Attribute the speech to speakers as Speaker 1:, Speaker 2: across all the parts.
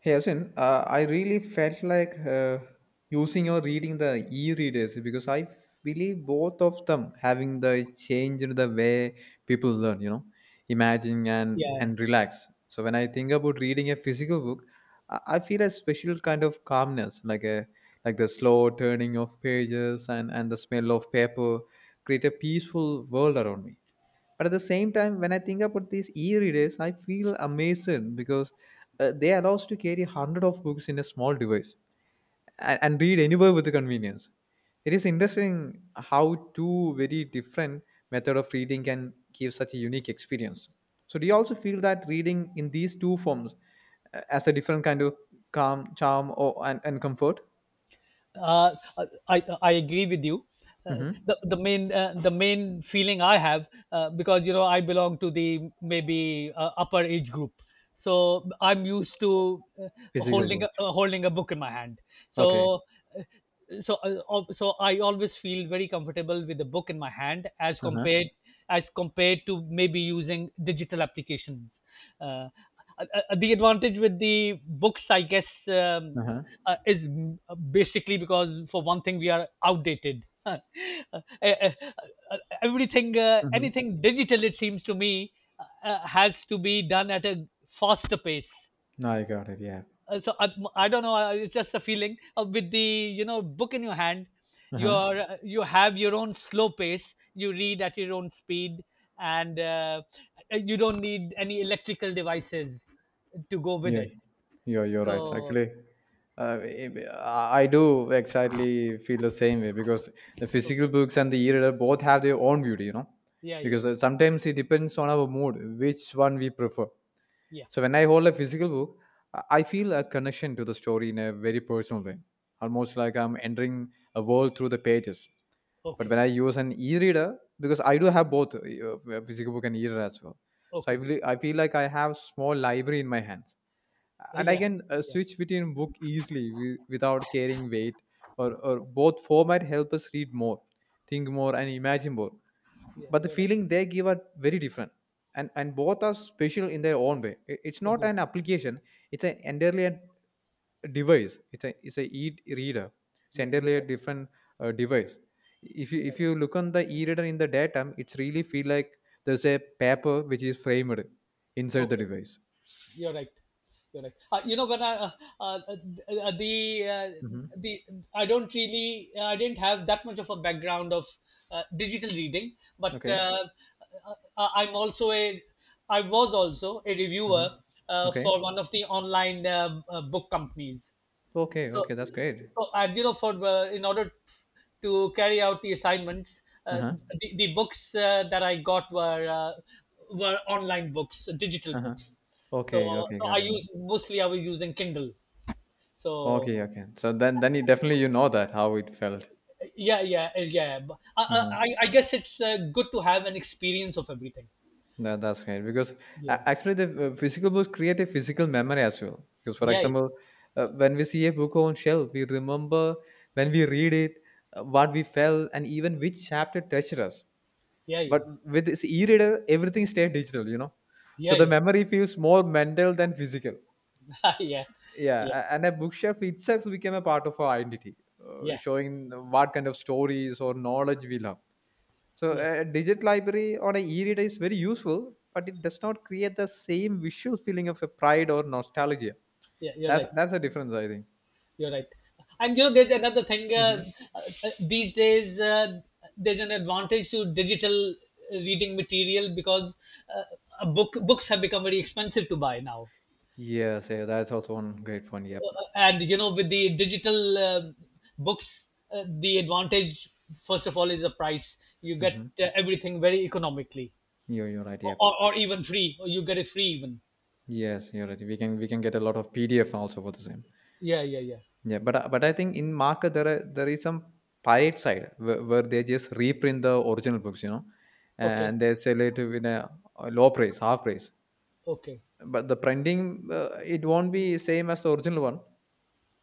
Speaker 1: Hey, Asin, I really felt like using or reading the e-readers because I believe both of them having the change in the way people learn, imagine and
Speaker 2: yeah
Speaker 1: and relax. So when I think about reading a physical book, I feel a special kind of calmness, like a like the slow turning of pages and the smell of paper create a peaceful world around me. But at the same time, when I think about these e-readers, I feel amazed because they allow us to carry hundred of books in a small device, and read anywhere with the convenience. It is interesting how two very different method of reading can give such a unique experience. So do you also feel that reading in these two forms, as a different kind of calm charm or and comfort?
Speaker 2: uh, uh, i i agree with you. uh,
Speaker 1: Mm-hmm.
Speaker 2: the the main uh, the main feeling I have, because you know, I belong to the maybe upper age group, so I'm used to,
Speaker 1: Physical
Speaker 2: holding a,
Speaker 1: books.
Speaker 2: holding a book in my hand. so
Speaker 1: Okay.
Speaker 2: uh, so uh, al- so I always feel very comfortable with the book in my hand
Speaker 1: Uh-huh.
Speaker 2: as compared to maybe using digital applications. Uh, uh, uh, the advantage with the books, I guess,
Speaker 1: Uh-huh.
Speaker 2: is basically because for one thing we are outdated. Uh, uh, Everything,
Speaker 1: Mm-hmm.
Speaker 2: anything digital, it seems to me, has to be done at a faster pace.
Speaker 1: Now I got it, yeah.
Speaker 2: So I don't know. It's just a feeling of with the, you know, book in your hand,
Speaker 1: Uh-huh.
Speaker 2: you have your own slow pace. You read at your own speed, and you don't need any electrical devices to go with
Speaker 1: Yeah,
Speaker 2: it.
Speaker 1: you're right.
Speaker 2: So
Speaker 1: Actually, I do exactly feel the same way because the
Speaker 2: okay.
Speaker 1: physical books and the e-reader both have their own beauty.
Speaker 2: Yeah, yeah,
Speaker 1: Because
Speaker 2: yeah,
Speaker 1: sometimes it depends on our mood, which one we prefer.
Speaker 2: yeah.
Speaker 1: So when I hold a physical book, I feel a connection to the story in a very personal way, almost like I'm entering a world through the pages. But when
Speaker 2: Okay,
Speaker 1: I use an e-reader, because I do have both physical book and e-reader as well, so I
Speaker 2: okay.
Speaker 1: believe I feel like I have small library in my hands, and I
Speaker 2: Yeah,
Speaker 1: can
Speaker 2: yeah,
Speaker 1: switch between book easily without carrying weight. Or both format help us read more, think more, and imagine more.
Speaker 2: yeah.
Speaker 1: But the
Speaker 2: You're right.
Speaker 1: feeling they give are very different, and both are special in their own way. It's
Speaker 2: I
Speaker 1: not
Speaker 2: do.
Speaker 1: an application; it's an entirely a device. It's a e-reader. It's
Speaker 2: Yeah, you're
Speaker 1: entirely a
Speaker 2: right.
Speaker 1: different device. If you
Speaker 2: You're
Speaker 1: if
Speaker 2: right.
Speaker 1: you look on the e-reader in the daytime, it's really feel like there's a paper which is framed inside the
Speaker 2: Okay.
Speaker 1: device.
Speaker 2: You're right. You're right. You know, when I uh, uh, the uh,
Speaker 1: Hmm.
Speaker 2: the I don't really, I didn't have that much of a background of digital reading, but
Speaker 1: Okay.
Speaker 2: I'm also a, I was also a
Speaker 1: Mhm.
Speaker 2: reviewer
Speaker 1: Okay.
Speaker 2: for one of the online book companies.
Speaker 1: Okay,
Speaker 2: So,
Speaker 1: okay, that's great.
Speaker 2: so you know, for in order to carry out the assignments,
Speaker 1: Uh-huh.
Speaker 2: the books that I got were, were online books, digital
Speaker 1: Uh-huh.
Speaker 2: books. So,
Speaker 1: Okay, okay,
Speaker 2: so
Speaker 1: got
Speaker 2: I
Speaker 1: it.
Speaker 2: use mostly, I was using Kindle. So,
Speaker 1: Okay, okay. So then you definitely you know that how it felt.
Speaker 2: yeah, yeah, yeah. But
Speaker 1: Uh-huh.
Speaker 2: I guess it's good to have an experience of everything.
Speaker 1: That's great because
Speaker 2: Yeah,
Speaker 1: actually the physical books create a physical memory as well. Because for
Speaker 2: yeah,
Speaker 1: example, when we see a book on shelf, we remember when we read it, what we felt, and even which chapter touched us.
Speaker 2: yeah, yeah,
Speaker 1: But with this e-reader, everything stays digital. So
Speaker 2: yeah,
Speaker 1: the
Speaker 2: yeah,
Speaker 1: memory feels more mental than physical.
Speaker 2: yeah,
Speaker 1: Yeah,
Speaker 2: yeah,
Speaker 1: and a bookshelf itself became a part of our identity,
Speaker 2: yeah,
Speaker 1: showing what kind of stories or knowledge we love. So,
Speaker 2: yeah,
Speaker 1: a digital library on a e-reader is very useful, but it does not create the same visual feeling of a pride or nostalgia.
Speaker 2: yeah. You're
Speaker 1: That's
Speaker 2: right.
Speaker 1: that's a difference, I think.
Speaker 2: You're right. And you know, there's another thing.
Speaker 1: Hmm.
Speaker 2: These days, there's an advantage to digital reading material because uh, a book, books have become very expensive to buy now.
Speaker 1: Yes, yeah, that's also one great point. Yep.
Speaker 2: And you know, with the digital books, the advantage first of all is the price. You get
Speaker 1: Hmm.
Speaker 2: everything very economically,
Speaker 1: You're right. Yep.
Speaker 2: or even free. Or you get it free even.
Speaker 1: Yes, you're right. We can get a lot of PDF also for the same.
Speaker 2: Yeah, yeah, yeah.
Speaker 1: Yeah, but I think in market there is some pirate side, where they just reprint the original books,
Speaker 2: Okay,
Speaker 1: and they sell it in a low price, half price.
Speaker 2: okay,
Speaker 1: But the printing, it won't be same as the original one.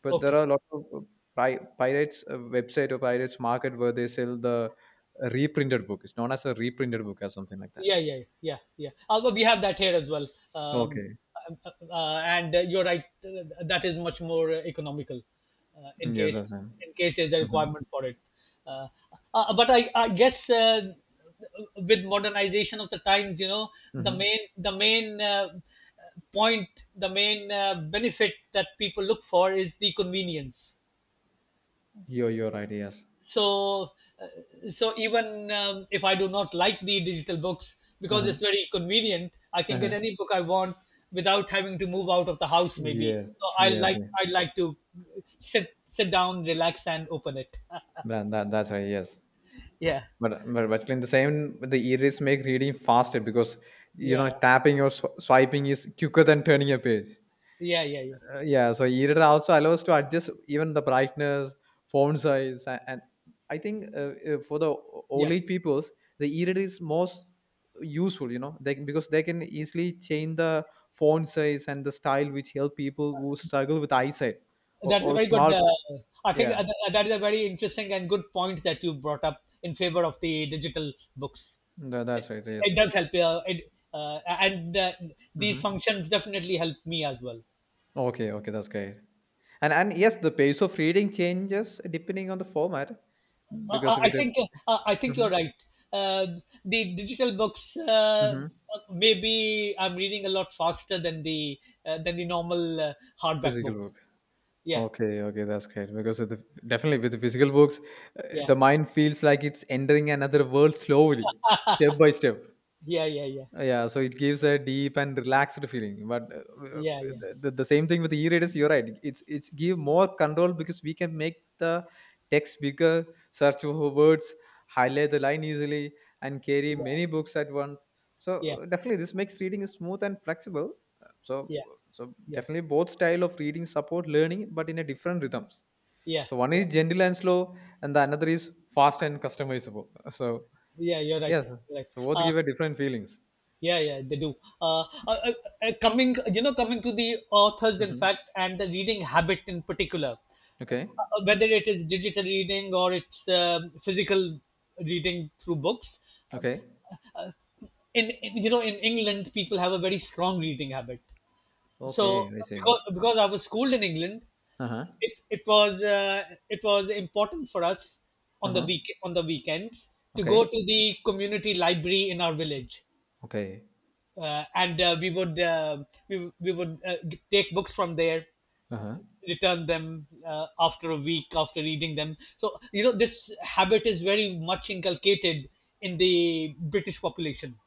Speaker 1: But there
Speaker 2: okay.
Speaker 1: are a lot of pirates website or pirates market where they sell the reprinted book. It's known as a reprinted book or something like that.
Speaker 2: Yeah, yeah, yeah, yeah. But we have that here as well. um,
Speaker 1: Okay.
Speaker 2: and you're right, that is much more economical uh, in
Speaker 1: Yes,
Speaker 2: case
Speaker 1: that's right.
Speaker 2: in case there's a
Speaker 1: Mm-hmm.
Speaker 2: requirement for it. uh, but I guess, with modernization of the times, you know, the
Speaker 1: Mm-hmm.
Speaker 2: main the main, point the main benefit that people look for is the convenience.
Speaker 1: You're right. Yes.
Speaker 2: So uh, so even if I do not like the digital books, because
Speaker 1: Uh-huh.
Speaker 2: it's very convenient, I can get
Speaker 1: Uh-huh.
Speaker 2: any book I want without having to move out of the house maybe.
Speaker 1: Yes.
Speaker 2: So I
Speaker 1: Yes,
Speaker 2: like,
Speaker 1: yeah.
Speaker 2: I like to sit down, relax and open it.
Speaker 1: That's right. Yes.
Speaker 2: Yeah,
Speaker 1: But actually, in the same, the e-reads make reading faster because
Speaker 2: yeah,
Speaker 1: tapping or swiping is quicker than turning a page.
Speaker 2: yeah, yeah, yeah, yeah,
Speaker 1: Yeah, so e-reader also allows to adjust even the brightness, font size, and, I think for the old
Speaker 2: yeah.
Speaker 1: age peoples, the e-reader is most useful. Because they can easily change the font size and the style, which help people who struggle with eyesight, or,
Speaker 2: That's a
Speaker 1: or
Speaker 2: very good.
Speaker 1: small.
Speaker 2: I think
Speaker 1: Yeah,
Speaker 2: that is a very interesting and good point that you brought up in favor of the digital books. It,
Speaker 1: that's right.
Speaker 2: it
Speaker 1: Yes.
Speaker 2: does help. And these
Speaker 1: Hmm.
Speaker 2: functions definitely help me as well.
Speaker 1: Okay, okay, that's great. And yes, the pace of reading changes depending on the format, because with the,
Speaker 2: I think you're
Speaker 1: Mhm,
Speaker 2: right. Uh, the digital books,
Speaker 1: mhm.
Speaker 2: maybe I'm reading a lot faster than the, than the normal, hardback
Speaker 1: Physical book.
Speaker 2: books. Yeah,
Speaker 1: Okay, okay, that's great. Because definitely with the physical books,
Speaker 2: yeah,
Speaker 1: the mind feels like it's entering another world slowly, step by step.
Speaker 2: yeah, yeah, yeah,
Speaker 1: Yeah, so it gives a deep and relaxed feeling, but
Speaker 2: yeah, yeah,
Speaker 1: the same thing with the e-readers. You're right, it's give more control because we can make the text bigger, search for words, highlight the line easily, and carry many books at once. So
Speaker 2: yeah,
Speaker 1: definitely this makes reading smooth and flexible. Uh, so
Speaker 2: yeah,
Speaker 1: so
Speaker 2: yeah, yeah,
Speaker 1: definitely both style of reading support learning but in a different rhythms.
Speaker 2: yeah,
Speaker 1: So one
Speaker 2: yeah.
Speaker 1: is gentle and slow, and the another is fast and customizable. So
Speaker 2: Yeah, you're right.
Speaker 1: yes,
Speaker 2: Right.
Speaker 1: so both
Speaker 2: Uh,
Speaker 1: give a different feelings.
Speaker 2: yeah, yeah, they do. Uh, uh, uh, Coming, you know, coming to the authors, in
Speaker 1: Hmm.
Speaker 2: fact, and the reading habit in particular,
Speaker 1: Okay.
Speaker 2: whether it is digital reading or it's physical reading through books. Um,
Speaker 1: Okay.
Speaker 2: uh, uh, in, you know, in England, people have a very strong reading habit. So
Speaker 1: Okay. I see.
Speaker 2: because I was schooled in England,
Speaker 1: Uh huh.
Speaker 2: it was, it was important for us
Speaker 1: Uh huh.
Speaker 2: on the weekends to go
Speaker 1: Okay.
Speaker 2: to the community library in our village,
Speaker 1: Okay.
Speaker 2: and we would, take books from there,
Speaker 1: Uh
Speaker 2: uh,
Speaker 1: huh.
Speaker 2: return them after a week after reading them. So you know this habit is very much inculcated in the British population.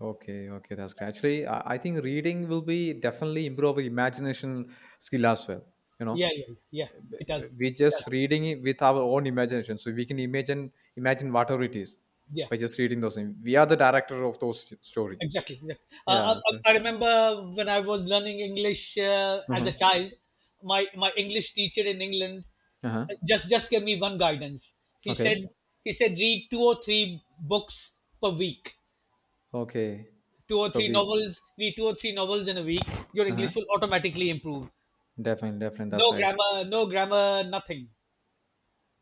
Speaker 1: Okay. Okay, that's great. Actually, I think reading will be definitely improve imagination skill as well. You know,
Speaker 2: Yeah, yeah, yeah. It does.
Speaker 1: Uh, we
Speaker 2: It
Speaker 1: just
Speaker 2: does.
Speaker 1: reading it with our own imagination, so we can imagine whatever it is
Speaker 2: Yeah.
Speaker 1: by just reading those things. We are the director of those story.
Speaker 2: Exactly. Exactly.
Speaker 1: Yeah.
Speaker 2: Uh,
Speaker 1: So.
Speaker 2: I remember when I was learning English
Speaker 1: Uh
Speaker 2: as a
Speaker 1: huh.
Speaker 2: child, my English teacher in England
Speaker 1: Uh huh.
Speaker 2: just gave me one guidance. He
Speaker 1: Okay.
Speaker 2: said he said, read two or three books per week,
Speaker 1: Okay.
Speaker 2: two or
Speaker 1: Per
Speaker 2: three
Speaker 1: week.
Speaker 2: novels. Read two or three novels in a week. Your
Speaker 1: Uh huh.
Speaker 2: English will automatically improve.
Speaker 1: Definitely. Definitely.
Speaker 2: No
Speaker 1: That's right.
Speaker 2: grammar, no grammar, nothing.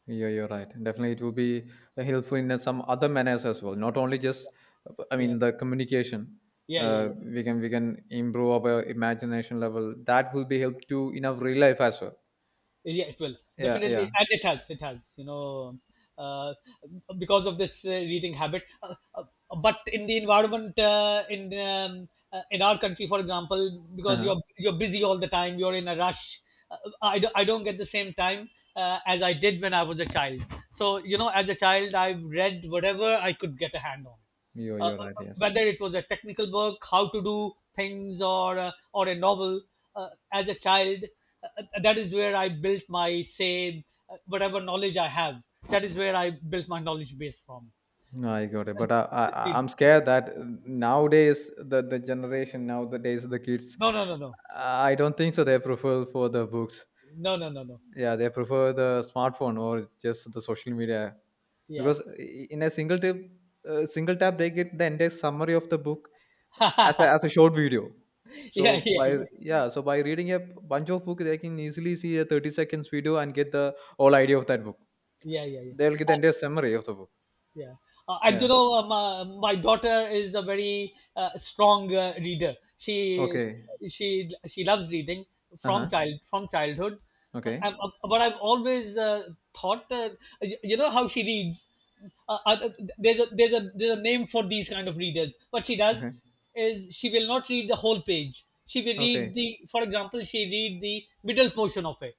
Speaker 1: Yeah, you're right. Definitely, it will be helpful in some other manners as well. Not only just, I
Speaker 2: Yeah,
Speaker 1: mean, the communication.
Speaker 2: yeah, yeah, yeah.
Speaker 1: We can improve our imagination level. That will be help to in our real life as well.
Speaker 2: Yeah, it will
Speaker 1: Yeah, yeah.
Speaker 2: definitely, and it has, it has, you know, uh, because of this reading habit, but in the environment, in our country for example, because
Speaker 1: Uh-huh.
Speaker 2: you're busy all the time, you're in a rush, uh, I don't get the same time as I did when I was a child. So you know, as a child, I read whatever I could get a hand on,
Speaker 1: You're
Speaker 2: uh,
Speaker 1: you're right. Yes.
Speaker 2: whether it was a technical work, how to do things, or, or a novel. As a child, that is where I built my, say, whatever knowledge I have. That is where I built my knowledge base from.
Speaker 1: No, I got it. But I'm scared that nowadays the generation nowadays the kids,
Speaker 2: No, no, no, no,
Speaker 1: I don't think so. They prefer for the books.
Speaker 2: no, no, no, no, no.
Speaker 1: Yeah, they prefer the smartphone or just the social media
Speaker 2: Yeah,
Speaker 1: because in a single tip, single tap, they get the entire summary of the book as a short video. So
Speaker 2: yeah, yeah,
Speaker 1: by
Speaker 2: yeah,
Speaker 1: yeah, so by reading a bunch of book, they can easily see a 30 seconds video and get the whole idea of that book.
Speaker 2: yeah, yeah. Yeah.
Speaker 1: They'll get the entire summary of the book.
Speaker 2: Yeah, and you
Speaker 1: Yeah.
Speaker 2: know, my daughter is a very strong reader. She
Speaker 1: Okay.
Speaker 2: she she loves reading
Speaker 1: Uh
Speaker 2: from
Speaker 1: huh.
Speaker 2: childhood. Uh,
Speaker 1: Okay.
Speaker 2: um, uh, but I've always thought, you know, how she reads. Uh, uh, there's a name for these kind of readers. What she does
Speaker 1: Okay.
Speaker 2: is she will not read the whole page. She will
Speaker 1: Okay.
Speaker 2: read the, for example, she read the middle portion of it,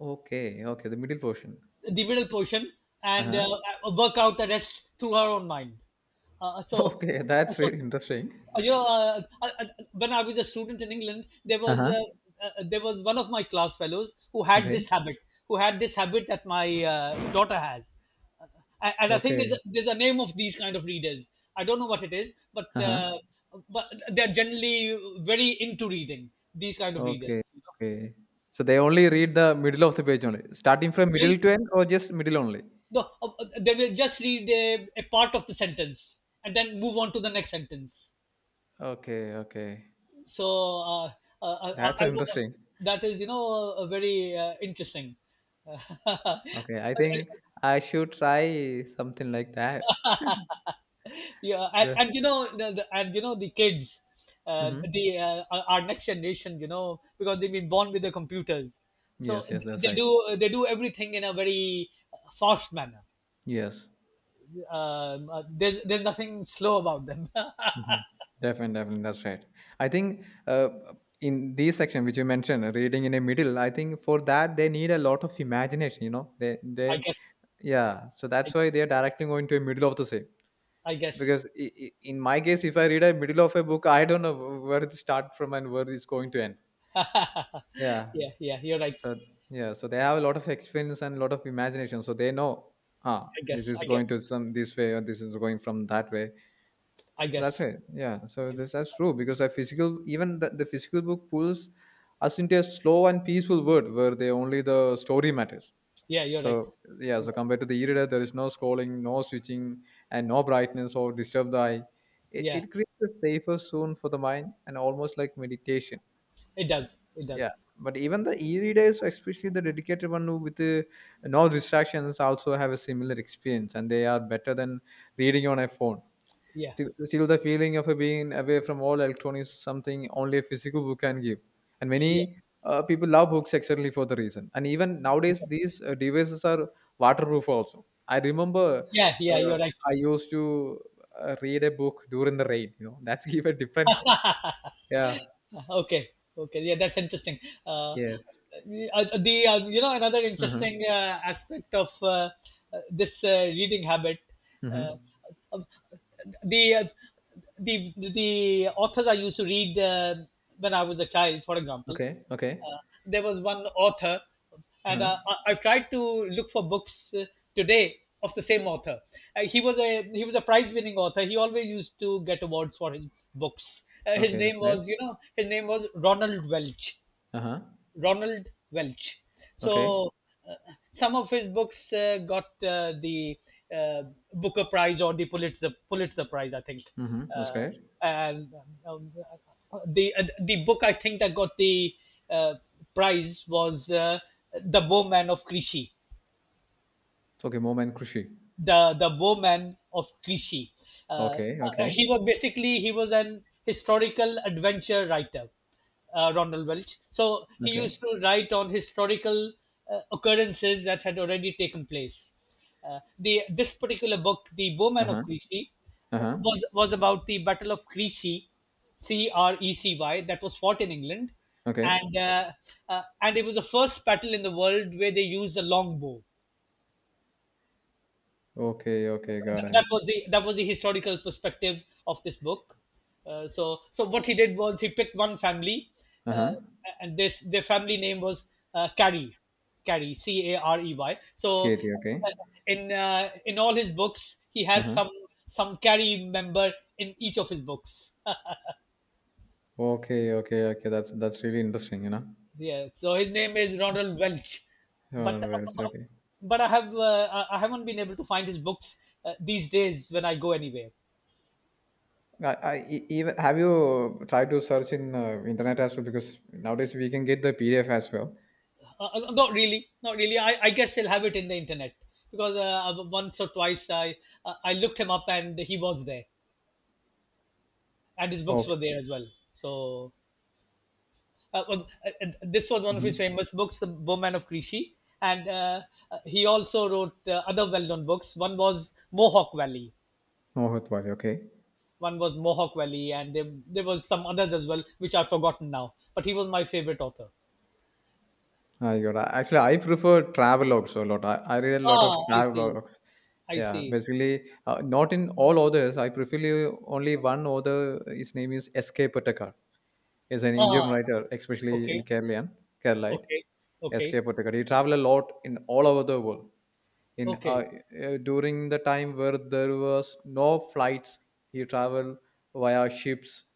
Speaker 1: Okay. Okay. The middle portion.
Speaker 2: the middle portion,
Speaker 1: Uh
Speaker 2: and
Speaker 1: huh.
Speaker 2: work out the rest through her own mind. Uh, so,
Speaker 1: Okay. That's
Speaker 2: so
Speaker 1: really interesting.
Speaker 2: you know, I, when I was a student in England, there
Speaker 1: Uh
Speaker 2: was,
Speaker 1: huh.
Speaker 2: there was one of my class fellows who had
Speaker 1: Okay.
Speaker 2: this habit, who had this habit that my daughter has. And I think
Speaker 1: Okay.
Speaker 2: there's a name of these kind of readers. I don't know what it is, but
Speaker 1: Uh huh.
Speaker 2: but they're generally very into reading, these kind of readers.
Speaker 1: Okay,
Speaker 2: You know?
Speaker 1: okay. So they only read the middle of the page only. Starting from middle
Speaker 2: Very.
Speaker 1: to end or just middle only?
Speaker 2: No, they will just read a part of the sentence and then move on to the next sentence.
Speaker 1: Okay, okay.
Speaker 2: So uh, uh, I, I,
Speaker 1: That's
Speaker 2: I, uh,
Speaker 1: interesting.
Speaker 2: that is, you know, very interesting.
Speaker 1: Okay, I think I should try something like that.
Speaker 2: Yeah,
Speaker 1: Yes.
Speaker 2: and you know, and you know, the kids,
Speaker 1: Mm-hmm.
Speaker 2: the our next generation, you know, because they've been born with the computers, so
Speaker 1: Yes, yes, that's
Speaker 2: they
Speaker 1: right.
Speaker 2: do, they do everything in a very fast manner.
Speaker 1: Yes.
Speaker 2: There's there's nothing slow about them.
Speaker 1: Mm-hmm. Definitely, definitely, that's right. I think in this section which you mentioned, reading in a middle, I think for that they need a lot of imagination. You know, they,
Speaker 2: I guess.
Speaker 1: yeah. So
Speaker 2: I
Speaker 1: that's
Speaker 2: guess.
Speaker 1: why they are directly going to a middle of the same.
Speaker 2: I guess.
Speaker 1: Because I, in my case, if I read a middle of a book, I don't know where it start from, and where it's going to end. Yeah.
Speaker 2: Yeah, yeah, you're right.
Speaker 1: So, yeah, so they have a lot of experience and a lot of imagination, so they know, ah,
Speaker 2: I
Speaker 1: this
Speaker 2: guess.
Speaker 1: is
Speaker 2: I
Speaker 1: going
Speaker 2: guess.
Speaker 1: to some this way, or this is going from that way.
Speaker 2: I
Speaker 1: So that's
Speaker 2: guess.
Speaker 1: it, yeah. So
Speaker 2: I guess.
Speaker 1: this that's true, because a physical even the physical book pulls us into a slow and peaceful world where they only the story matters.
Speaker 2: Yeah, you're right.
Speaker 1: So, yeah,
Speaker 2: You're
Speaker 1: so
Speaker 2: right.
Speaker 1: compared to the e-reader, there is no scrolling, no switching, and no brightness or disturb the eye. It,
Speaker 2: Yeah,
Speaker 1: it creates a safer zone for the mind, and almost like meditation.
Speaker 2: it does. It does.
Speaker 1: Yeah, but even the e-readers, especially the dedicated one who with no distractions, also have a similar experience, and they are better than reading on a phone.
Speaker 2: Yeah,
Speaker 1: Still, the feeling of being away from all electronics is something only a physical book can give. And
Speaker 2: yeah,
Speaker 1: many people love books exactly for the reason. And even
Speaker 2: it
Speaker 1: nowadays,
Speaker 2: does.
Speaker 1: these devices are waterproof also. I remember
Speaker 2: Yeah, yeah.
Speaker 1: uh,
Speaker 2: You're right.
Speaker 1: I used to read a book during the rain. That's give a different. Yeah.
Speaker 2: Okay, okay. Yeah, that's interesting. Uh, uh,
Speaker 1: Yes.
Speaker 2: the You know, another
Speaker 1: Mm-hmm.
Speaker 2: interesting aspect of this reading habit.
Speaker 1: Mm-hmm.
Speaker 2: Uh, um, the uh, the the authors I used to read when I was a child, for example.
Speaker 1: Okay. Okay.
Speaker 2: Uh, there was one author, and
Speaker 1: Uh-huh.
Speaker 2: I've tried to look for books today of the same author. He was a prize winning author. He always used to get awards for his books. Uh, his
Speaker 1: Okay. That's
Speaker 2: name
Speaker 1: great.
Speaker 2: was you know, his name was Ronald Welch.
Speaker 1: Uh-huh.
Speaker 2: Ronald Welch.
Speaker 1: Okay.
Speaker 2: So uh, some of his books got the uh, Booker Prize or the Pulitzer Prize, I think.
Speaker 1: Mm-hmm. That's
Speaker 2: Uh,
Speaker 1: great.
Speaker 2: and um, the book I think that got the uh, prize was, The Bowman of Clichy,
Speaker 1: It's okay. Moment, Krishi.
Speaker 2: the Bowman of Clichy. Uh, uh,
Speaker 1: Okay. Okay.
Speaker 2: he was basically he was an historical adventure writer, Ronald Welch. So he
Speaker 1: Okay.
Speaker 2: used to write on historical occurrences that had already taken place. The This particular book, The Bowman of
Speaker 1: Uh-huh.
Speaker 2: Crecy,
Speaker 1: Uh-huh.
Speaker 2: was about the Battle of Crecy, C R E C Y, that was fought in England,
Speaker 1: Okay.
Speaker 2: and uh, and it was the first battle in the world where they used the longbow.
Speaker 1: Okay, okay, got
Speaker 2: Th-
Speaker 1: it.
Speaker 2: that was the that was the historical perspective of this book. So so what he did was he picked one family, uh,
Speaker 1: Uh-huh.
Speaker 2: and this, their family name was, Carey, Carey C A R E Y. So
Speaker 1: Katie, okay.
Speaker 2: in all his books, he has
Speaker 1: Uh-huh.
Speaker 2: some Carey member in each of his books.
Speaker 1: Okay, okay, okay. That's really interesting,
Speaker 2: Yeah, so his name is Ronald Welch, but
Speaker 1: Oh, no, well, it's okay.
Speaker 2: but I haven't been able to find his books these days when I go anywhere.
Speaker 1: Even have you tried to search in internet as well, because nowadays we can get the PDF as well.
Speaker 2: Not really, not really. I guess they'll have it in the internet because, once or twice I looked him up and he was there and his books
Speaker 1: Okay.
Speaker 2: were there as well. So, well, this was one of his
Speaker 1: Mm-hmm.
Speaker 2: famous books, The Bowman of Krishi, and, he also wrote other well-known books. One was Mohawk Valley,
Speaker 1: Mohit Wali, okay.
Speaker 2: one was Mohawk Valley, and there was some others as well which I've forgotten now. But he was my favorite author.
Speaker 1: I got it. Actually, I prefer travel also a lot. I read a lot of
Speaker 2: Ah, I
Speaker 1: travel
Speaker 2: see,
Speaker 1: logs.
Speaker 2: I
Speaker 1: Yeah,
Speaker 2: see.
Speaker 1: basically, not in all others. I prefer only one author. His name is S.K. Patakar. Is an Indian
Speaker 2: Ah,
Speaker 1: writer,
Speaker 2: okay,
Speaker 1: especially
Speaker 2: okay,
Speaker 1: in Keralian, Keralite.
Speaker 2: okay,
Speaker 1: S.K.
Speaker 2: okay.
Speaker 1: Pottekar. He traveled a lot in all over the world. In
Speaker 2: Okay,
Speaker 1: During the time where there was no flights, he traveled via ships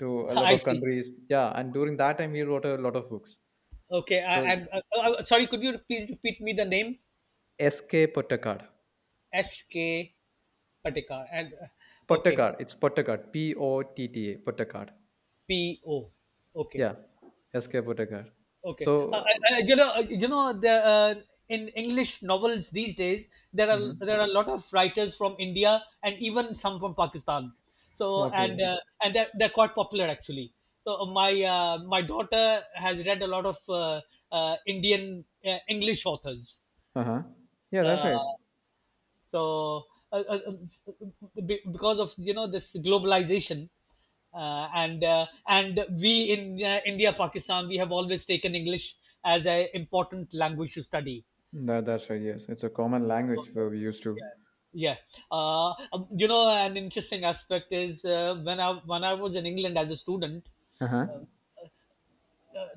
Speaker 1: to a lot
Speaker 2: I
Speaker 1: of
Speaker 2: see.
Speaker 1: countries. Yeah, and during that time, he wrote a lot of books.
Speaker 2: Okay,
Speaker 1: So
Speaker 2: I'm sorry. Could you please repeat me the name?
Speaker 1: S.K. Pottekar,
Speaker 2: S K Patikar and, okay,
Speaker 1: Pottekar. It's Pottekar. POTTA. Pottekar.
Speaker 2: P O. Okay,
Speaker 1: Yeah, S.K. Pottekar.
Speaker 2: okay.
Speaker 1: So,
Speaker 2: The, in English novels these days there are
Speaker 1: mhm.
Speaker 2: there are a lot of writers from India and even some from Pakistan. So, and,
Speaker 1: Okay.
Speaker 2: and they're quite popular actually. So, my, my daughter has read a lot of, Indian, English authors.
Speaker 1: Uh huh. Yeah, that's
Speaker 2: Uh,
Speaker 1: right.
Speaker 2: So because of, this globalization, and, and we in, India, Pakistan, we have always taken English as an important language to study.
Speaker 1: That's right. Yes, it's a common
Speaker 2: So,
Speaker 1: language where we used
Speaker 2: yeah,
Speaker 1: to.
Speaker 2: yeah. An interesting aspect is, when I was in England as a student,
Speaker 1: Uh huh.
Speaker 2: uh,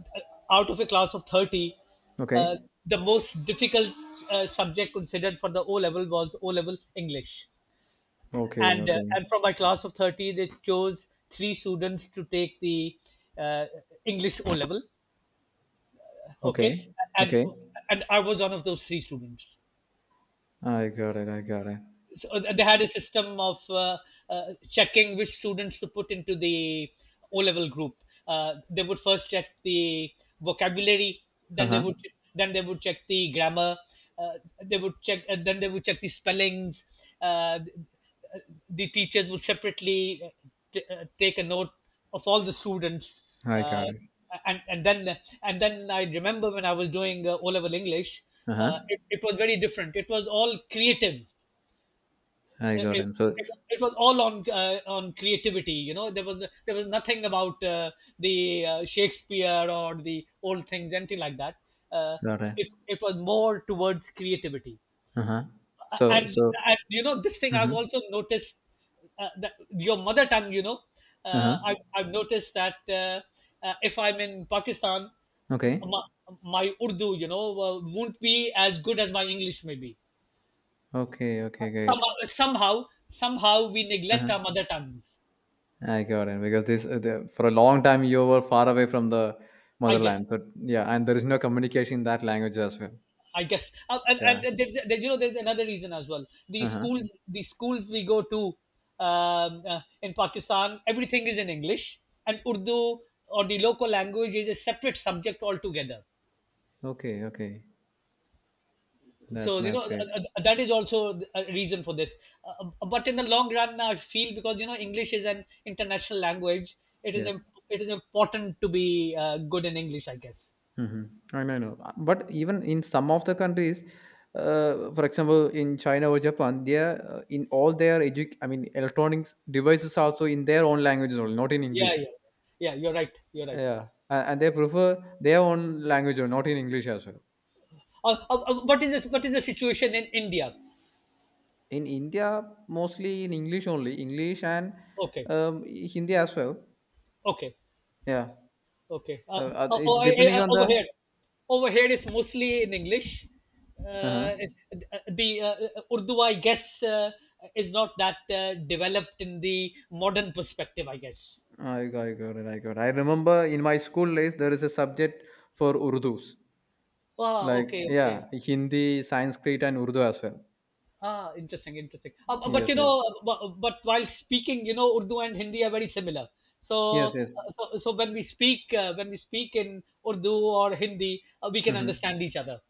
Speaker 2: out of a class of 30,
Speaker 1: Okay.
Speaker 2: uh, the most difficult subject considered for the O level was O level English,
Speaker 1: Okay,
Speaker 2: and, uh,
Speaker 1: okay,
Speaker 2: and from my class of 30 they chose three students to take the, uh, English O level, okay,
Speaker 1: okay,
Speaker 2: and,
Speaker 1: okay.
Speaker 2: I was one of those three students.
Speaker 1: I got it. I got it.
Speaker 2: So, they had a system of, checking which students to put into the O level group. They would first check the vocabulary,
Speaker 1: Uh
Speaker 2: then they
Speaker 1: huh.
Speaker 2: would, check the grammar, uh, they would check then they would check the spellings. Uh, the teachers would separately, take a note of all the students.
Speaker 1: I
Speaker 2: Uh,
Speaker 1: got it.
Speaker 2: and then I remember when I was doing, O level English,
Speaker 1: Uh huh.
Speaker 2: it was very different. It was all creative.
Speaker 1: I
Speaker 2: it,
Speaker 1: got it. So
Speaker 2: it, it was all on, on creativity. There was nothing about, the Shakespeare or the old things, anything like that. uh,
Speaker 1: got it.
Speaker 2: it was more towards creativity.
Speaker 1: Uh huh.
Speaker 2: Uh,
Speaker 1: So
Speaker 2: and
Speaker 1: so.
Speaker 2: and this thing I've
Speaker 1: Mm-hmm.
Speaker 2: also noticed, that your mother tongue,
Speaker 1: Uh
Speaker 2: uh,
Speaker 1: huh.
Speaker 2: I, I've noticed that, if I'm in Pakistan,
Speaker 1: Okay.
Speaker 2: my, my Urdu, won't be as good as my English maybe.
Speaker 1: Okay, okay, great.
Speaker 2: Somehow somehow somehow we
Speaker 1: Uh
Speaker 2: neglect
Speaker 1: huh.
Speaker 2: our mother tongues,
Speaker 1: I got it because for a long time you were far away from the
Speaker 2: i guess
Speaker 1: motherland. So yeah, and there is no communication in that language as well.
Speaker 2: I guess. Uh, and,
Speaker 1: Yeah.
Speaker 2: and there's, there's another reason as well. the
Speaker 1: Uh huh.
Speaker 2: schools the schools we go to, in Pakistan, everything is in English, and Urdu or the local language is a separate subject altogether.
Speaker 1: Okay, okay. That's
Speaker 2: So,
Speaker 1: that's great.
Speaker 2: that is also a reason for this. But in the long run I feel, because, English is an international language, it is
Speaker 1: Yeah.
Speaker 2: im- it is important to be, good in English, I guess.
Speaker 1: Mhm. I know, I know. But even in some of the countries, for example, in China or Japan, they are in all their I mean, electronics devices also in their own languages only, not in
Speaker 2: Yeah,
Speaker 1: English.
Speaker 2: yeah, yeah. You're right. You're right.
Speaker 1: Yeah, and they prefer their own language or not in English as well.
Speaker 2: What is this? What is the situation in India?
Speaker 1: In India, mostly in English only, English and
Speaker 2: Okay,
Speaker 1: Hindi as well.
Speaker 2: okay,
Speaker 1: Yeah,
Speaker 2: okay. Oh,
Speaker 1: it's depending on
Speaker 2: over
Speaker 1: the.
Speaker 2: here, over here is mostly in English.
Speaker 1: Uh-huh.
Speaker 2: It- the Urdu, I guess, is not that, developed in the modern perspective, I guess.
Speaker 1: I got it. I remember in my school days there is a subject for Urdus.
Speaker 2: Ah,
Speaker 1: Like,
Speaker 2: okay, okay.
Speaker 1: yeah, Hindi, Sanskrit, and Urdu as well.
Speaker 2: Ah, interesting, interesting. Uh, bu- but you
Speaker 1: Yes, yes,
Speaker 2: know, bu- but while speaking, Urdu and Hindi are very similar.
Speaker 1: yes,
Speaker 2: So,
Speaker 1: yes.
Speaker 2: so when we speak in Urdu or Hindi, we can
Speaker 1: Hmm.
Speaker 2: understand each other.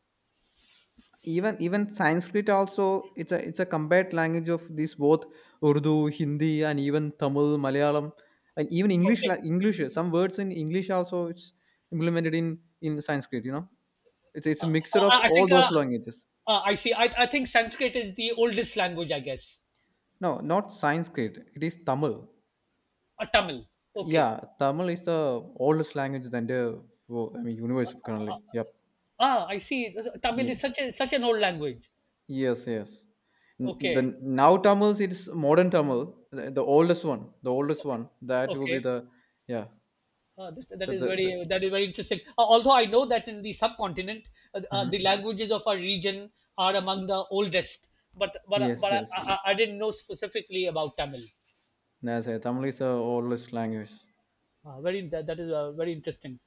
Speaker 1: Even Sanskrit also it's a combined language of these both Urdu, Hindi, and even Tamil, Malayalam, and even English.
Speaker 2: Okay.
Speaker 1: English, some words in English also it's implemented in Sanskrit. It's
Speaker 2: uh,
Speaker 1: a mixture of
Speaker 2: I, I
Speaker 1: all
Speaker 2: think uh,
Speaker 1: those languages.
Speaker 2: I see. I think Sanskrit is the oldest language, I guess.
Speaker 1: No, not Sanskrit. It is Tamil.
Speaker 2: Tamil. Okay.
Speaker 1: Yeah, Tamil is the oldest language than the I mean universe currently. Yep.
Speaker 2: Ah, I see. Tamil
Speaker 1: Yeah.
Speaker 2: is such an old language.
Speaker 1: Yes, yes. The
Speaker 2: Okay.
Speaker 1: now Tamils, it's modern Tamil, the oldest one, the oldest one. That will be
Speaker 2: Okay.
Speaker 1: the, yeah.
Speaker 2: That
Speaker 1: So
Speaker 2: is
Speaker 1: the
Speaker 2: very that is very interesting. Although I know that in the subcontinent, the
Speaker 1: hmm,
Speaker 2: languages of our region are among the oldest, but but
Speaker 1: yes,
Speaker 2: but
Speaker 1: yes.
Speaker 2: I, I, I didn't know specifically about Tamil.
Speaker 1: That's it. Tamil is the oldest language.
Speaker 2: Very, that is, very interesting.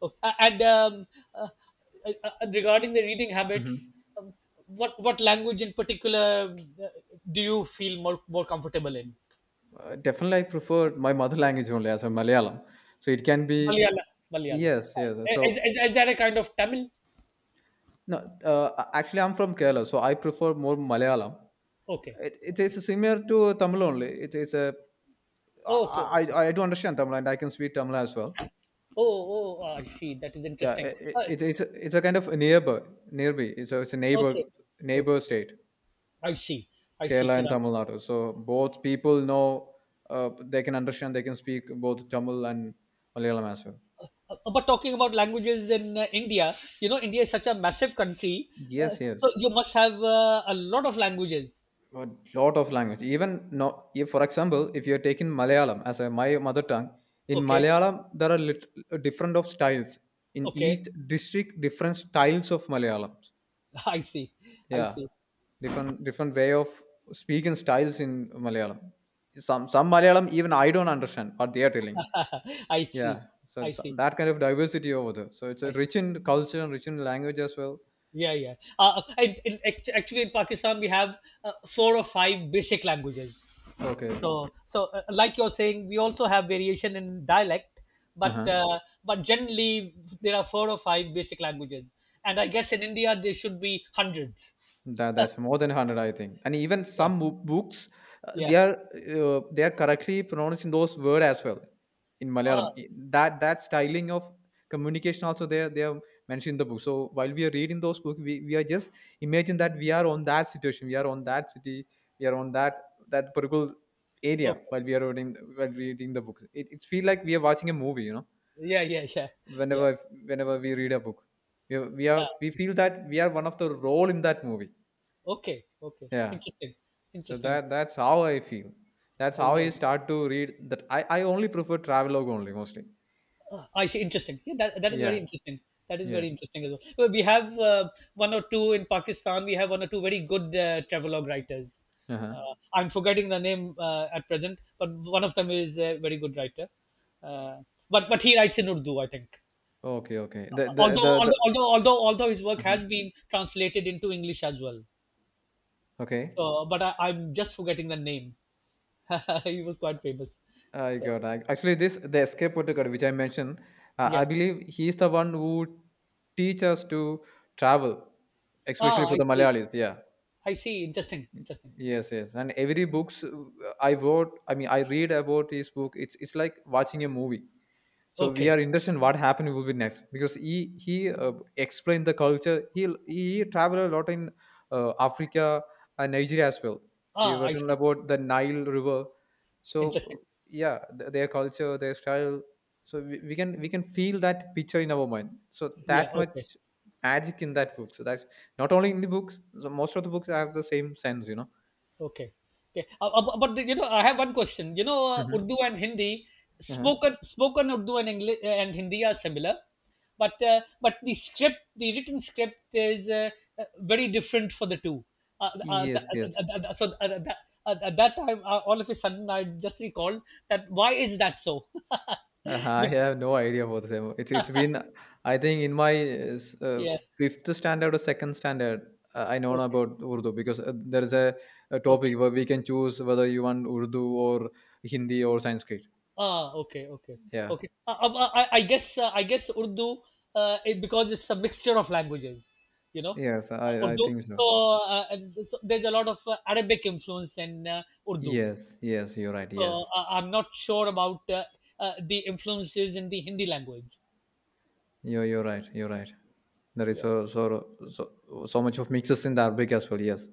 Speaker 2: Okay. And, uh, regarding the reading habits,
Speaker 1: Hmm.
Speaker 2: um, what language in particular, uh, do you feel more comfortable in?
Speaker 1: Definitely, I prefer my mother language only as a Malayalam. So it can be,
Speaker 2: Malayala, Malayala.
Speaker 1: yes, yes.
Speaker 2: Is,
Speaker 1: So
Speaker 2: is, is that a kind of Tamil?
Speaker 1: no, actually, I'm from Kerala, so I prefer more Malayalam.
Speaker 2: Okay.
Speaker 1: It
Speaker 2: Okay.
Speaker 1: is similar to Tamil only. It is a,
Speaker 2: Okay.
Speaker 1: I do understand Tamil and I can speak Tamil as well.
Speaker 2: Oh, oh, oh, I see. That is
Speaker 1: Yeah,
Speaker 2: interesting.
Speaker 1: it's it's a kind of a neighbor, nearby. It's a neighbor
Speaker 2: Okay, okay.
Speaker 1: state,
Speaker 2: I see. I see,
Speaker 1: Kerala and
Speaker 2: Kiran.
Speaker 1: Tamil Nadu. So both people know, they can understand, they can speak both Tamil and Malayalam as well.
Speaker 2: But talking about languages in, India, India is such a massive country. Uh,
Speaker 1: Yes,
Speaker 2: so
Speaker 1: yes,
Speaker 2: you must have, a lot of languages.
Speaker 1: a lot of language. Even no, if, for example, if you're taking Malayalam as my mother tongue, in
Speaker 2: Okay,
Speaker 1: Malayalam there are different of styles. In
Speaker 2: okay.
Speaker 1: each district, different styles of Malayalam.
Speaker 2: I see. I
Speaker 1: Yeah,
Speaker 2: see.
Speaker 1: different way of speaking styles in Malayalam. Some Malayalam even I don't understand what they are telling.
Speaker 2: I
Speaker 1: Yeah,
Speaker 2: see.
Speaker 1: so
Speaker 2: I
Speaker 1: it's
Speaker 2: see.
Speaker 1: that kind of diversity over there. So it's a
Speaker 2: I see.
Speaker 1: rich in culture and rich in language as well.
Speaker 2: Yeah, yeah. Actually, in Pakistan, we have, four or five basic languages.
Speaker 1: Okay.
Speaker 2: So, like you're saying, we also have variation in dialect,
Speaker 1: Uh
Speaker 2: but
Speaker 1: huh.
Speaker 2: uh, but generally there are four or five basic languages, and I guess in India there should be hundreds.
Speaker 1: That's more than 100, I think. And even
Speaker 2: Yeah,
Speaker 1: books, uh,
Speaker 2: yeah.
Speaker 1: they are they are correctly pronouncing those words as well in Malayalam.
Speaker 2: Ah.
Speaker 1: That styling of communication also they are mentioned in the book. So while we are reading those books, we are just imagine that we are on that situation, we are on that city, we are on that particular area
Speaker 2: Okay.
Speaker 1: while we are reading while reading the book. It feel like we are watching a movie.
Speaker 2: Yeah, yeah, yeah, yeah.
Speaker 1: Whenever whenever we read a book,
Speaker 2: Uh,
Speaker 1: we feel that we are one of the role in that movie.
Speaker 2: okay, okay.
Speaker 1: Yeah.
Speaker 2: Interesting,
Speaker 1: So
Speaker 2: interesting.
Speaker 1: that's how I feel. That's how I
Speaker 2: Yeah.
Speaker 1: start to read that I only prefer travelogue only mostly.
Speaker 2: I see. Interesting. Yeah, that is very
Speaker 1: Yeah.
Speaker 2: interesting. That is very
Speaker 1: Yes.
Speaker 2: interesting as well. Well, we have, one or two in Pakistan. We have one or two very good, travelogue writers.
Speaker 1: Uh-huh.
Speaker 2: Uh, I'm forgetting the name, at present, but one of them is a very good writer. Uh, but he writes in Urdu, I think.
Speaker 1: Okay, okay.
Speaker 2: Although
Speaker 1: The
Speaker 2: although although although although his work
Speaker 1: uh-huh.
Speaker 2: has been translated into English as well.
Speaker 1: Okay.
Speaker 2: So, but I'm just forgetting the name. He was quite famous. So
Speaker 1: Actually this the escape protocol which I mentioned.
Speaker 2: yeah.
Speaker 1: I believe he is the one who teach us to travel, especially
Speaker 2: Ah,
Speaker 1: for
Speaker 2: I
Speaker 1: the
Speaker 2: see.
Speaker 1: Malayalis. Yeah.
Speaker 2: I see. Interesting. Interesting.
Speaker 1: Yes, yes. And every books, I mean, I read about his book. It's like watching a movie. So we are
Speaker 2: Okay.
Speaker 1: interested in what happened will be next because he explained the culture. He traveled a lot in Africa and Nigeria as well. He
Speaker 2: Ah, I
Speaker 1: written
Speaker 2: see.
Speaker 1: about the Nile River. So
Speaker 2: Interesting.
Speaker 1: yeah, their culture, their style. So we can feel that picture in our mind, so
Speaker 2: Yeah.
Speaker 1: that much
Speaker 2: Okay.
Speaker 1: magic in that book. So that's not only in the books, so most of the books have the same sense.
Speaker 2: Okay. Okay. But, I have one question.
Speaker 1: Hmm.
Speaker 2: Urdu and Hindi,
Speaker 1: Uh-huh.
Speaker 2: spoken Urdu and English and Hindi are similar, but the written script is, very different for the two. Uh, uh, th-
Speaker 1: Yes,
Speaker 2: uh, th-
Speaker 1: yes.
Speaker 2: uh, uh, so uh, uh, that, at that time, all of a sudden, I just recalled that why is that so?
Speaker 1: I
Speaker 2: Be-
Speaker 1: have no idea for the same. It's been, I think, in my
Speaker 2: yeah.
Speaker 1: fifth standard or second standard. I know
Speaker 2: Okay.
Speaker 1: about Urdu because there is a
Speaker 2: Okay.
Speaker 1: topic where we can choose whether you want Urdu or Hindi or Sanskrit.
Speaker 2: Ah, okay, okay,
Speaker 1: Yeah.
Speaker 2: okay. I guess Urdu, because it's a mixture of languages, you know,
Speaker 1: Yes, I
Speaker 2: Urdu.
Speaker 1: think so.
Speaker 2: So, and so there's a lot of, Arabic influence in, Urdu.
Speaker 1: Yes. Yes, you're right.
Speaker 2: So,
Speaker 1: Yes.
Speaker 2: I'm not sure about, the influences in the Hindi language.
Speaker 1: You're right. You're right. There is
Speaker 2: Yeah,
Speaker 1: so much of mixes in the Arabic as well. Yes,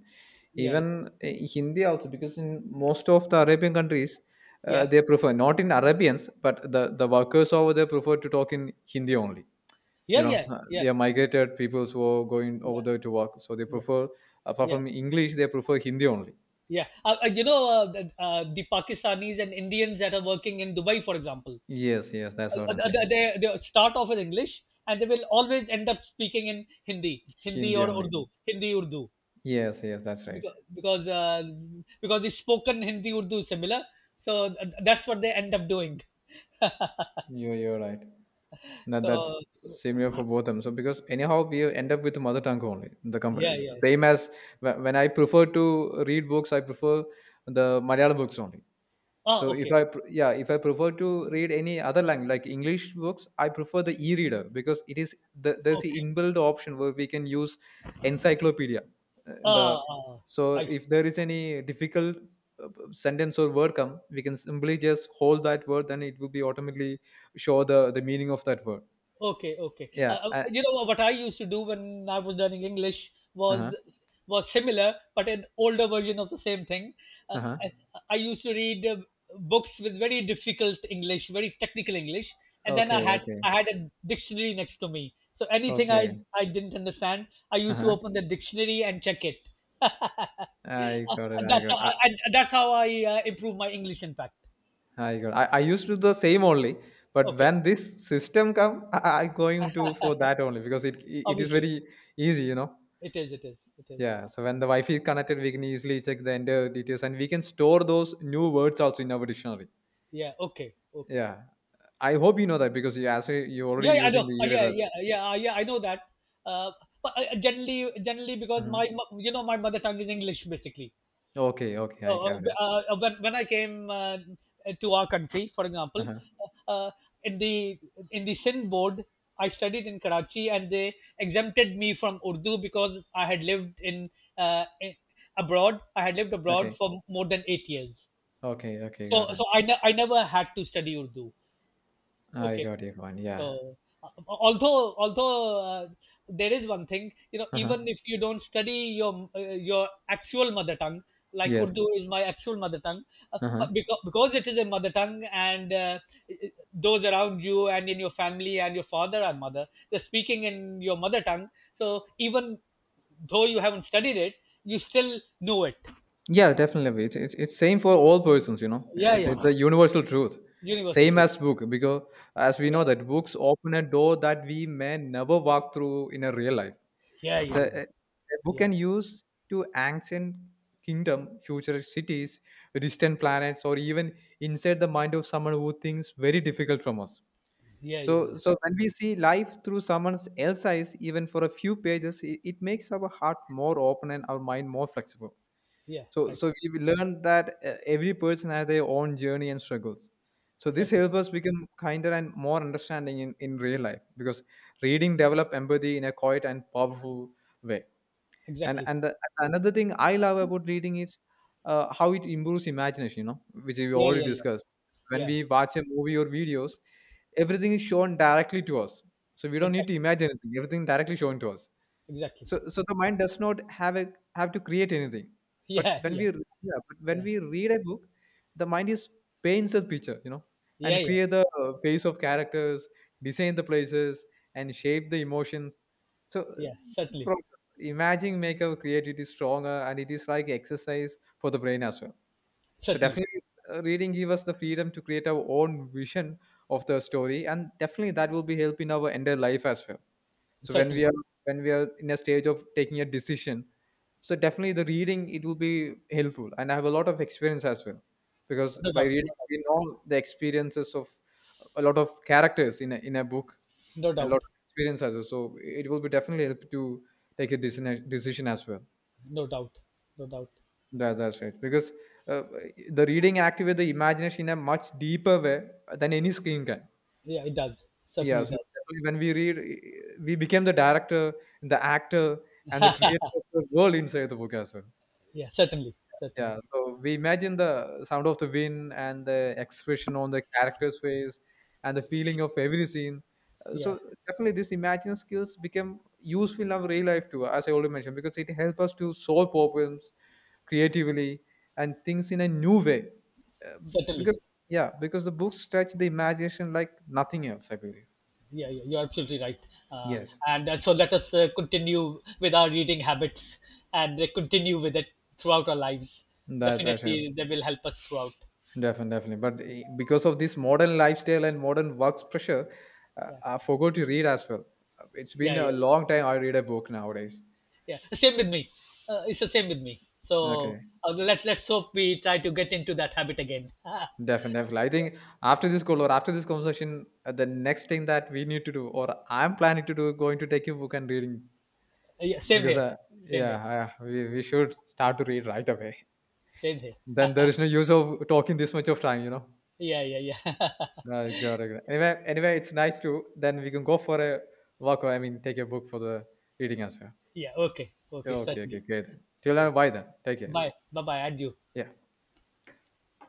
Speaker 2: yeah,
Speaker 1: even Hindi also, because in most of the Arabian countries
Speaker 2: yeah,
Speaker 1: they prefer, not in Arabians, but the workers over there prefer to talk in Hindi only.
Speaker 2: yeah, yeah, yeah,
Speaker 1: They are migrated peoples who are going over
Speaker 2: yeah,
Speaker 1: there to work, so they
Speaker 2: yeah,
Speaker 1: prefer, apart
Speaker 2: yeah.
Speaker 1: from English, they prefer Hindi only.
Speaker 2: Yeah. You know, the Pakistanis and Indians that are working in Dubai, for example,
Speaker 1: Yes, yes, that's what I'm
Speaker 2: they,
Speaker 1: saying.
Speaker 2: they, they start off with English and they will always end up speaking in Hindi, Hindi
Speaker 1: Hindi
Speaker 2: or
Speaker 1: only.
Speaker 2: Urdu, Hindi Urdu,
Speaker 1: Yes, yes, that's right.
Speaker 2: because because uh, because the spoken Hindi Urdu is similar, so that's what they end up doing.
Speaker 1: You're right. That
Speaker 2: So,
Speaker 1: that's similar for both of them. So because anyhow we end up with mother tongue only. The company
Speaker 2: yeah, yeah.
Speaker 1: same as when I prefer to read books, I prefer the Malayalam books only.
Speaker 2: Ah,
Speaker 1: So
Speaker 2: okay,
Speaker 1: if
Speaker 2: okay,
Speaker 1: yeah, if I prefer to read any other language like English books, I prefer the e-reader because there's the
Speaker 2: okay.
Speaker 1: inbuilt option where we can use encyclopedia. The
Speaker 2: Ah, ah,
Speaker 1: so
Speaker 2: I see.
Speaker 1: if there is any difficult sentence or word come, we can simply just hold that word, then it will be automatically show the meaning of that word.
Speaker 2: Okay, okay.
Speaker 1: Yeah, I
Speaker 2: You know what I used to do when I was learning English
Speaker 1: uh-huh,
Speaker 2: was similar, but an older version of the same thing. Uh,
Speaker 1: uh-huh.
Speaker 2: I, I used to read, books with very difficult English, very technical English, and then I
Speaker 1: Okay,
Speaker 2: had
Speaker 1: okay,
Speaker 2: I had a dictionary next to me. So anything
Speaker 1: okay.
Speaker 2: I didn't understand, I used to
Speaker 1: Uh-huh.
Speaker 2: open the dictionary and check it.
Speaker 1: I
Speaker 2: Uh,
Speaker 1: got it.
Speaker 2: that's how that's how I, improve my English. In fact,
Speaker 1: I used to do the same only, but
Speaker 2: okay,
Speaker 1: when this system come, I going to for that only because it is
Speaker 2: obviously
Speaker 1: very easy.
Speaker 2: it is, it is, it is.
Speaker 1: Yeah. So when the Wi-Fi is connected, we can easily check the entire details and we can store those new words also in our dictionary.
Speaker 2: Yeah, okay, okay.
Speaker 1: Yeah. I hope you know that because you're already
Speaker 2: Yeah, yeah, I know.
Speaker 1: using the e-reader
Speaker 2: Yeah,
Speaker 1: as
Speaker 2: yeah,
Speaker 1: well.
Speaker 2: yeah, yeah. I know that. Uh, but generally, because
Speaker 1: Hmm.
Speaker 2: my, mo- you know, my mother tongue is English, basically.
Speaker 1: Okay, okay, I
Speaker 2: Uh, uh,
Speaker 1: got it.
Speaker 2: uh, when I came, to our country, for example,
Speaker 1: Uh-huh.
Speaker 2: uh, uh, in the Sindh board, I studied in Karachi, and they exempted me from Urdu because I had lived uh, in- abroad. I had lived abroad
Speaker 1: Okay,
Speaker 2: for more than 8 years.
Speaker 1: okay, okay,
Speaker 2: So,
Speaker 1: got it.
Speaker 2: so I, ne- I never had to study Urdu.
Speaker 1: I
Speaker 2: Okay.
Speaker 1: got your point. Yeah.
Speaker 2: So, although uh, there is one thing,
Speaker 1: Uh-huh.
Speaker 2: even if you don't study your actual mother tongue, like
Speaker 1: Yes.
Speaker 2: Urdu is my actual mother tongue,
Speaker 1: Uh-huh.
Speaker 2: but because it is a mother tongue, and, those around you and in your family and your father and mother, they're speaking in your mother tongue. So even though you haven't studied it, you still know it.
Speaker 1: Yeah, definitely. It's same for all persons.
Speaker 2: Yeah,
Speaker 1: It's
Speaker 2: yeah.
Speaker 1: a universal truth.
Speaker 2: Universal
Speaker 1: Same
Speaker 2: too.
Speaker 1: as book, because as we know that books open a door that we may never walk through in a real life.
Speaker 2: Yeah, yeah, yeah,
Speaker 1: So
Speaker 2: yeah,
Speaker 1: a, book
Speaker 2: yeah,
Speaker 1: can use to ancient kingdom, future cities, distant planets, or even inside the mind of someone who thinks very difficult from us.
Speaker 2: yeah, yeah, yeah.
Speaker 1: So, when we see life through someone else's eyes, even for a few pages, it makes our heart more open and our mind more flexible.
Speaker 2: Yeah.
Speaker 1: So,
Speaker 2: Right.
Speaker 1: so we will learn that every person has their own journey and struggles. So this
Speaker 2: Certainly.
Speaker 1: helps us become kinder and more understanding in real life, because reading develop empathy in a quiet and powerful way. And
Speaker 2: Exactly.
Speaker 1: another thing I love about reading is how it improves imagination, which we
Speaker 2: Yeah,
Speaker 1: already
Speaker 2: yeah, yeah,
Speaker 1: discussed. When
Speaker 2: yeah.
Speaker 1: we watch a movie or videos, everything is shown directly to us, so we don't need to
Speaker 2: Exactly,
Speaker 1: imagine anything, everything directly shown to us.
Speaker 2: exactly.
Speaker 1: So the mind does not have to create anything. But
Speaker 2: Yeah,
Speaker 1: when
Speaker 2: yeah,
Speaker 1: yeah, but when
Speaker 2: yeah,
Speaker 1: we read a book, the mind is paints the picture,
Speaker 2: yeah,
Speaker 1: and
Speaker 2: yeah,
Speaker 1: create the face of characters, design the places, and shape the emotions. So
Speaker 2: yeah.
Speaker 1: this
Speaker 2: Certainly,
Speaker 1: process, imagining make our creativity stronger, and it is like exercise for the brain as well. So
Speaker 2: certainly,
Speaker 1: definitely, reading give us the freedom to create our own vision of the story, and definitely that will be helping our entire life as well. So
Speaker 2: certainly.
Speaker 1: when we are in a stage of taking a decision, so definitely the reading it will be helpful, and I have a lot of experience as well, because
Speaker 2: No
Speaker 1: by
Speaker 2: doubt, no
Speaker 1: reading
Speaker 2: doubt,
Speaker 1: we know the experiences of a lot of characters in a book,
Speaker 2: no
Speaker 1: and a lot
Speaker 2: doubt,
Speaker 1: of experience as well, so it will be definitely help to take a decision as well.
Speaker 2: no doubt, no doubt.
Speaker 1: That's right, because uh, the reading activates the imagination in a much deeper way than any screen can.
Speaker 2: Yeah, it does.
Speaker 1: Yeah,
Speaker 2: Certainly
Speaker 1: so
Speaker 2: does.
Speaker 1: definitely when we read, we became the director, the actor, and the creator of the world inside the book as well.
Speaker 2: Yeah, certainly, certainly.
Speaker 1: Yeah, so we imagine the sound of the wind and the expression on the character's face and the feeling of every scene. So
Speaker 2: Yeah,
Speaker 1: definitely, this imagining skills become useful in our real life too, as I already mentioned, because it helps us to solve problems creatively and things in a new way. Uh,
Speaker 2: certainly.
Speaker 1: because yeah, because the books stretch the imagination like nothing else, I believe.
Speaker 2: Yeah, yeah. You're absolutely right. Uh,
Speaker 1: Yes.
Speaker 2: and, so let us, continue with our reading habits and, continue with it throughout our lives.
Speaker 1: That's a shame.
Speaker 2: Definitely, they will help us throughout.
Speaker 1: Definitely, definitely. But because of this modern lifestyle and modern work pressure,
Speaker 2: Yeah,
Speaker 1: I forgot to read as well. It's
Speaker 2: yeah,
Speaker 1: been
Speaker 2: yeah.
Speaker 1: a
Speaker 2: Yeah.
Speaker 1: long time I read a book nowadays.
Speaker 2: Yeah, same with me, it's the same with me. So,
Speaker 1: Okay,
Speaker 2: let's hope we try to get into that habit again. Ah,
Speaker 1: definitely, definitely. I think after this call or after this conversation, the next thing that we need to do, or I'm planning to do, going to take a book and reading
Speaker 2: yeah, same
Speaker 1: because,
Speaker 2: here, same here,
Speaker 1: yeah, I, we should start to read right away.
Speaker 2: same here.
Speaker 1: Then there is no use of talking this much of time.
Speaker 2: Yeah, yeah, yeah.
Speaker 1: No, got it. Anyway, it's nice to then we can go for a walk. Or, I mean, take a book for the reading as
Speaker 2: Yeah, okay, okay,
Speaker 1: well. Okay, okay,
Speaker 2: certainly.
Speaker 1: great. Till
Speaker 2: Okay,
Speaker 1: then, bye then. Take care.
Speaker 2: bye, bye, bye, adieu.
Speaker 1: Yeah.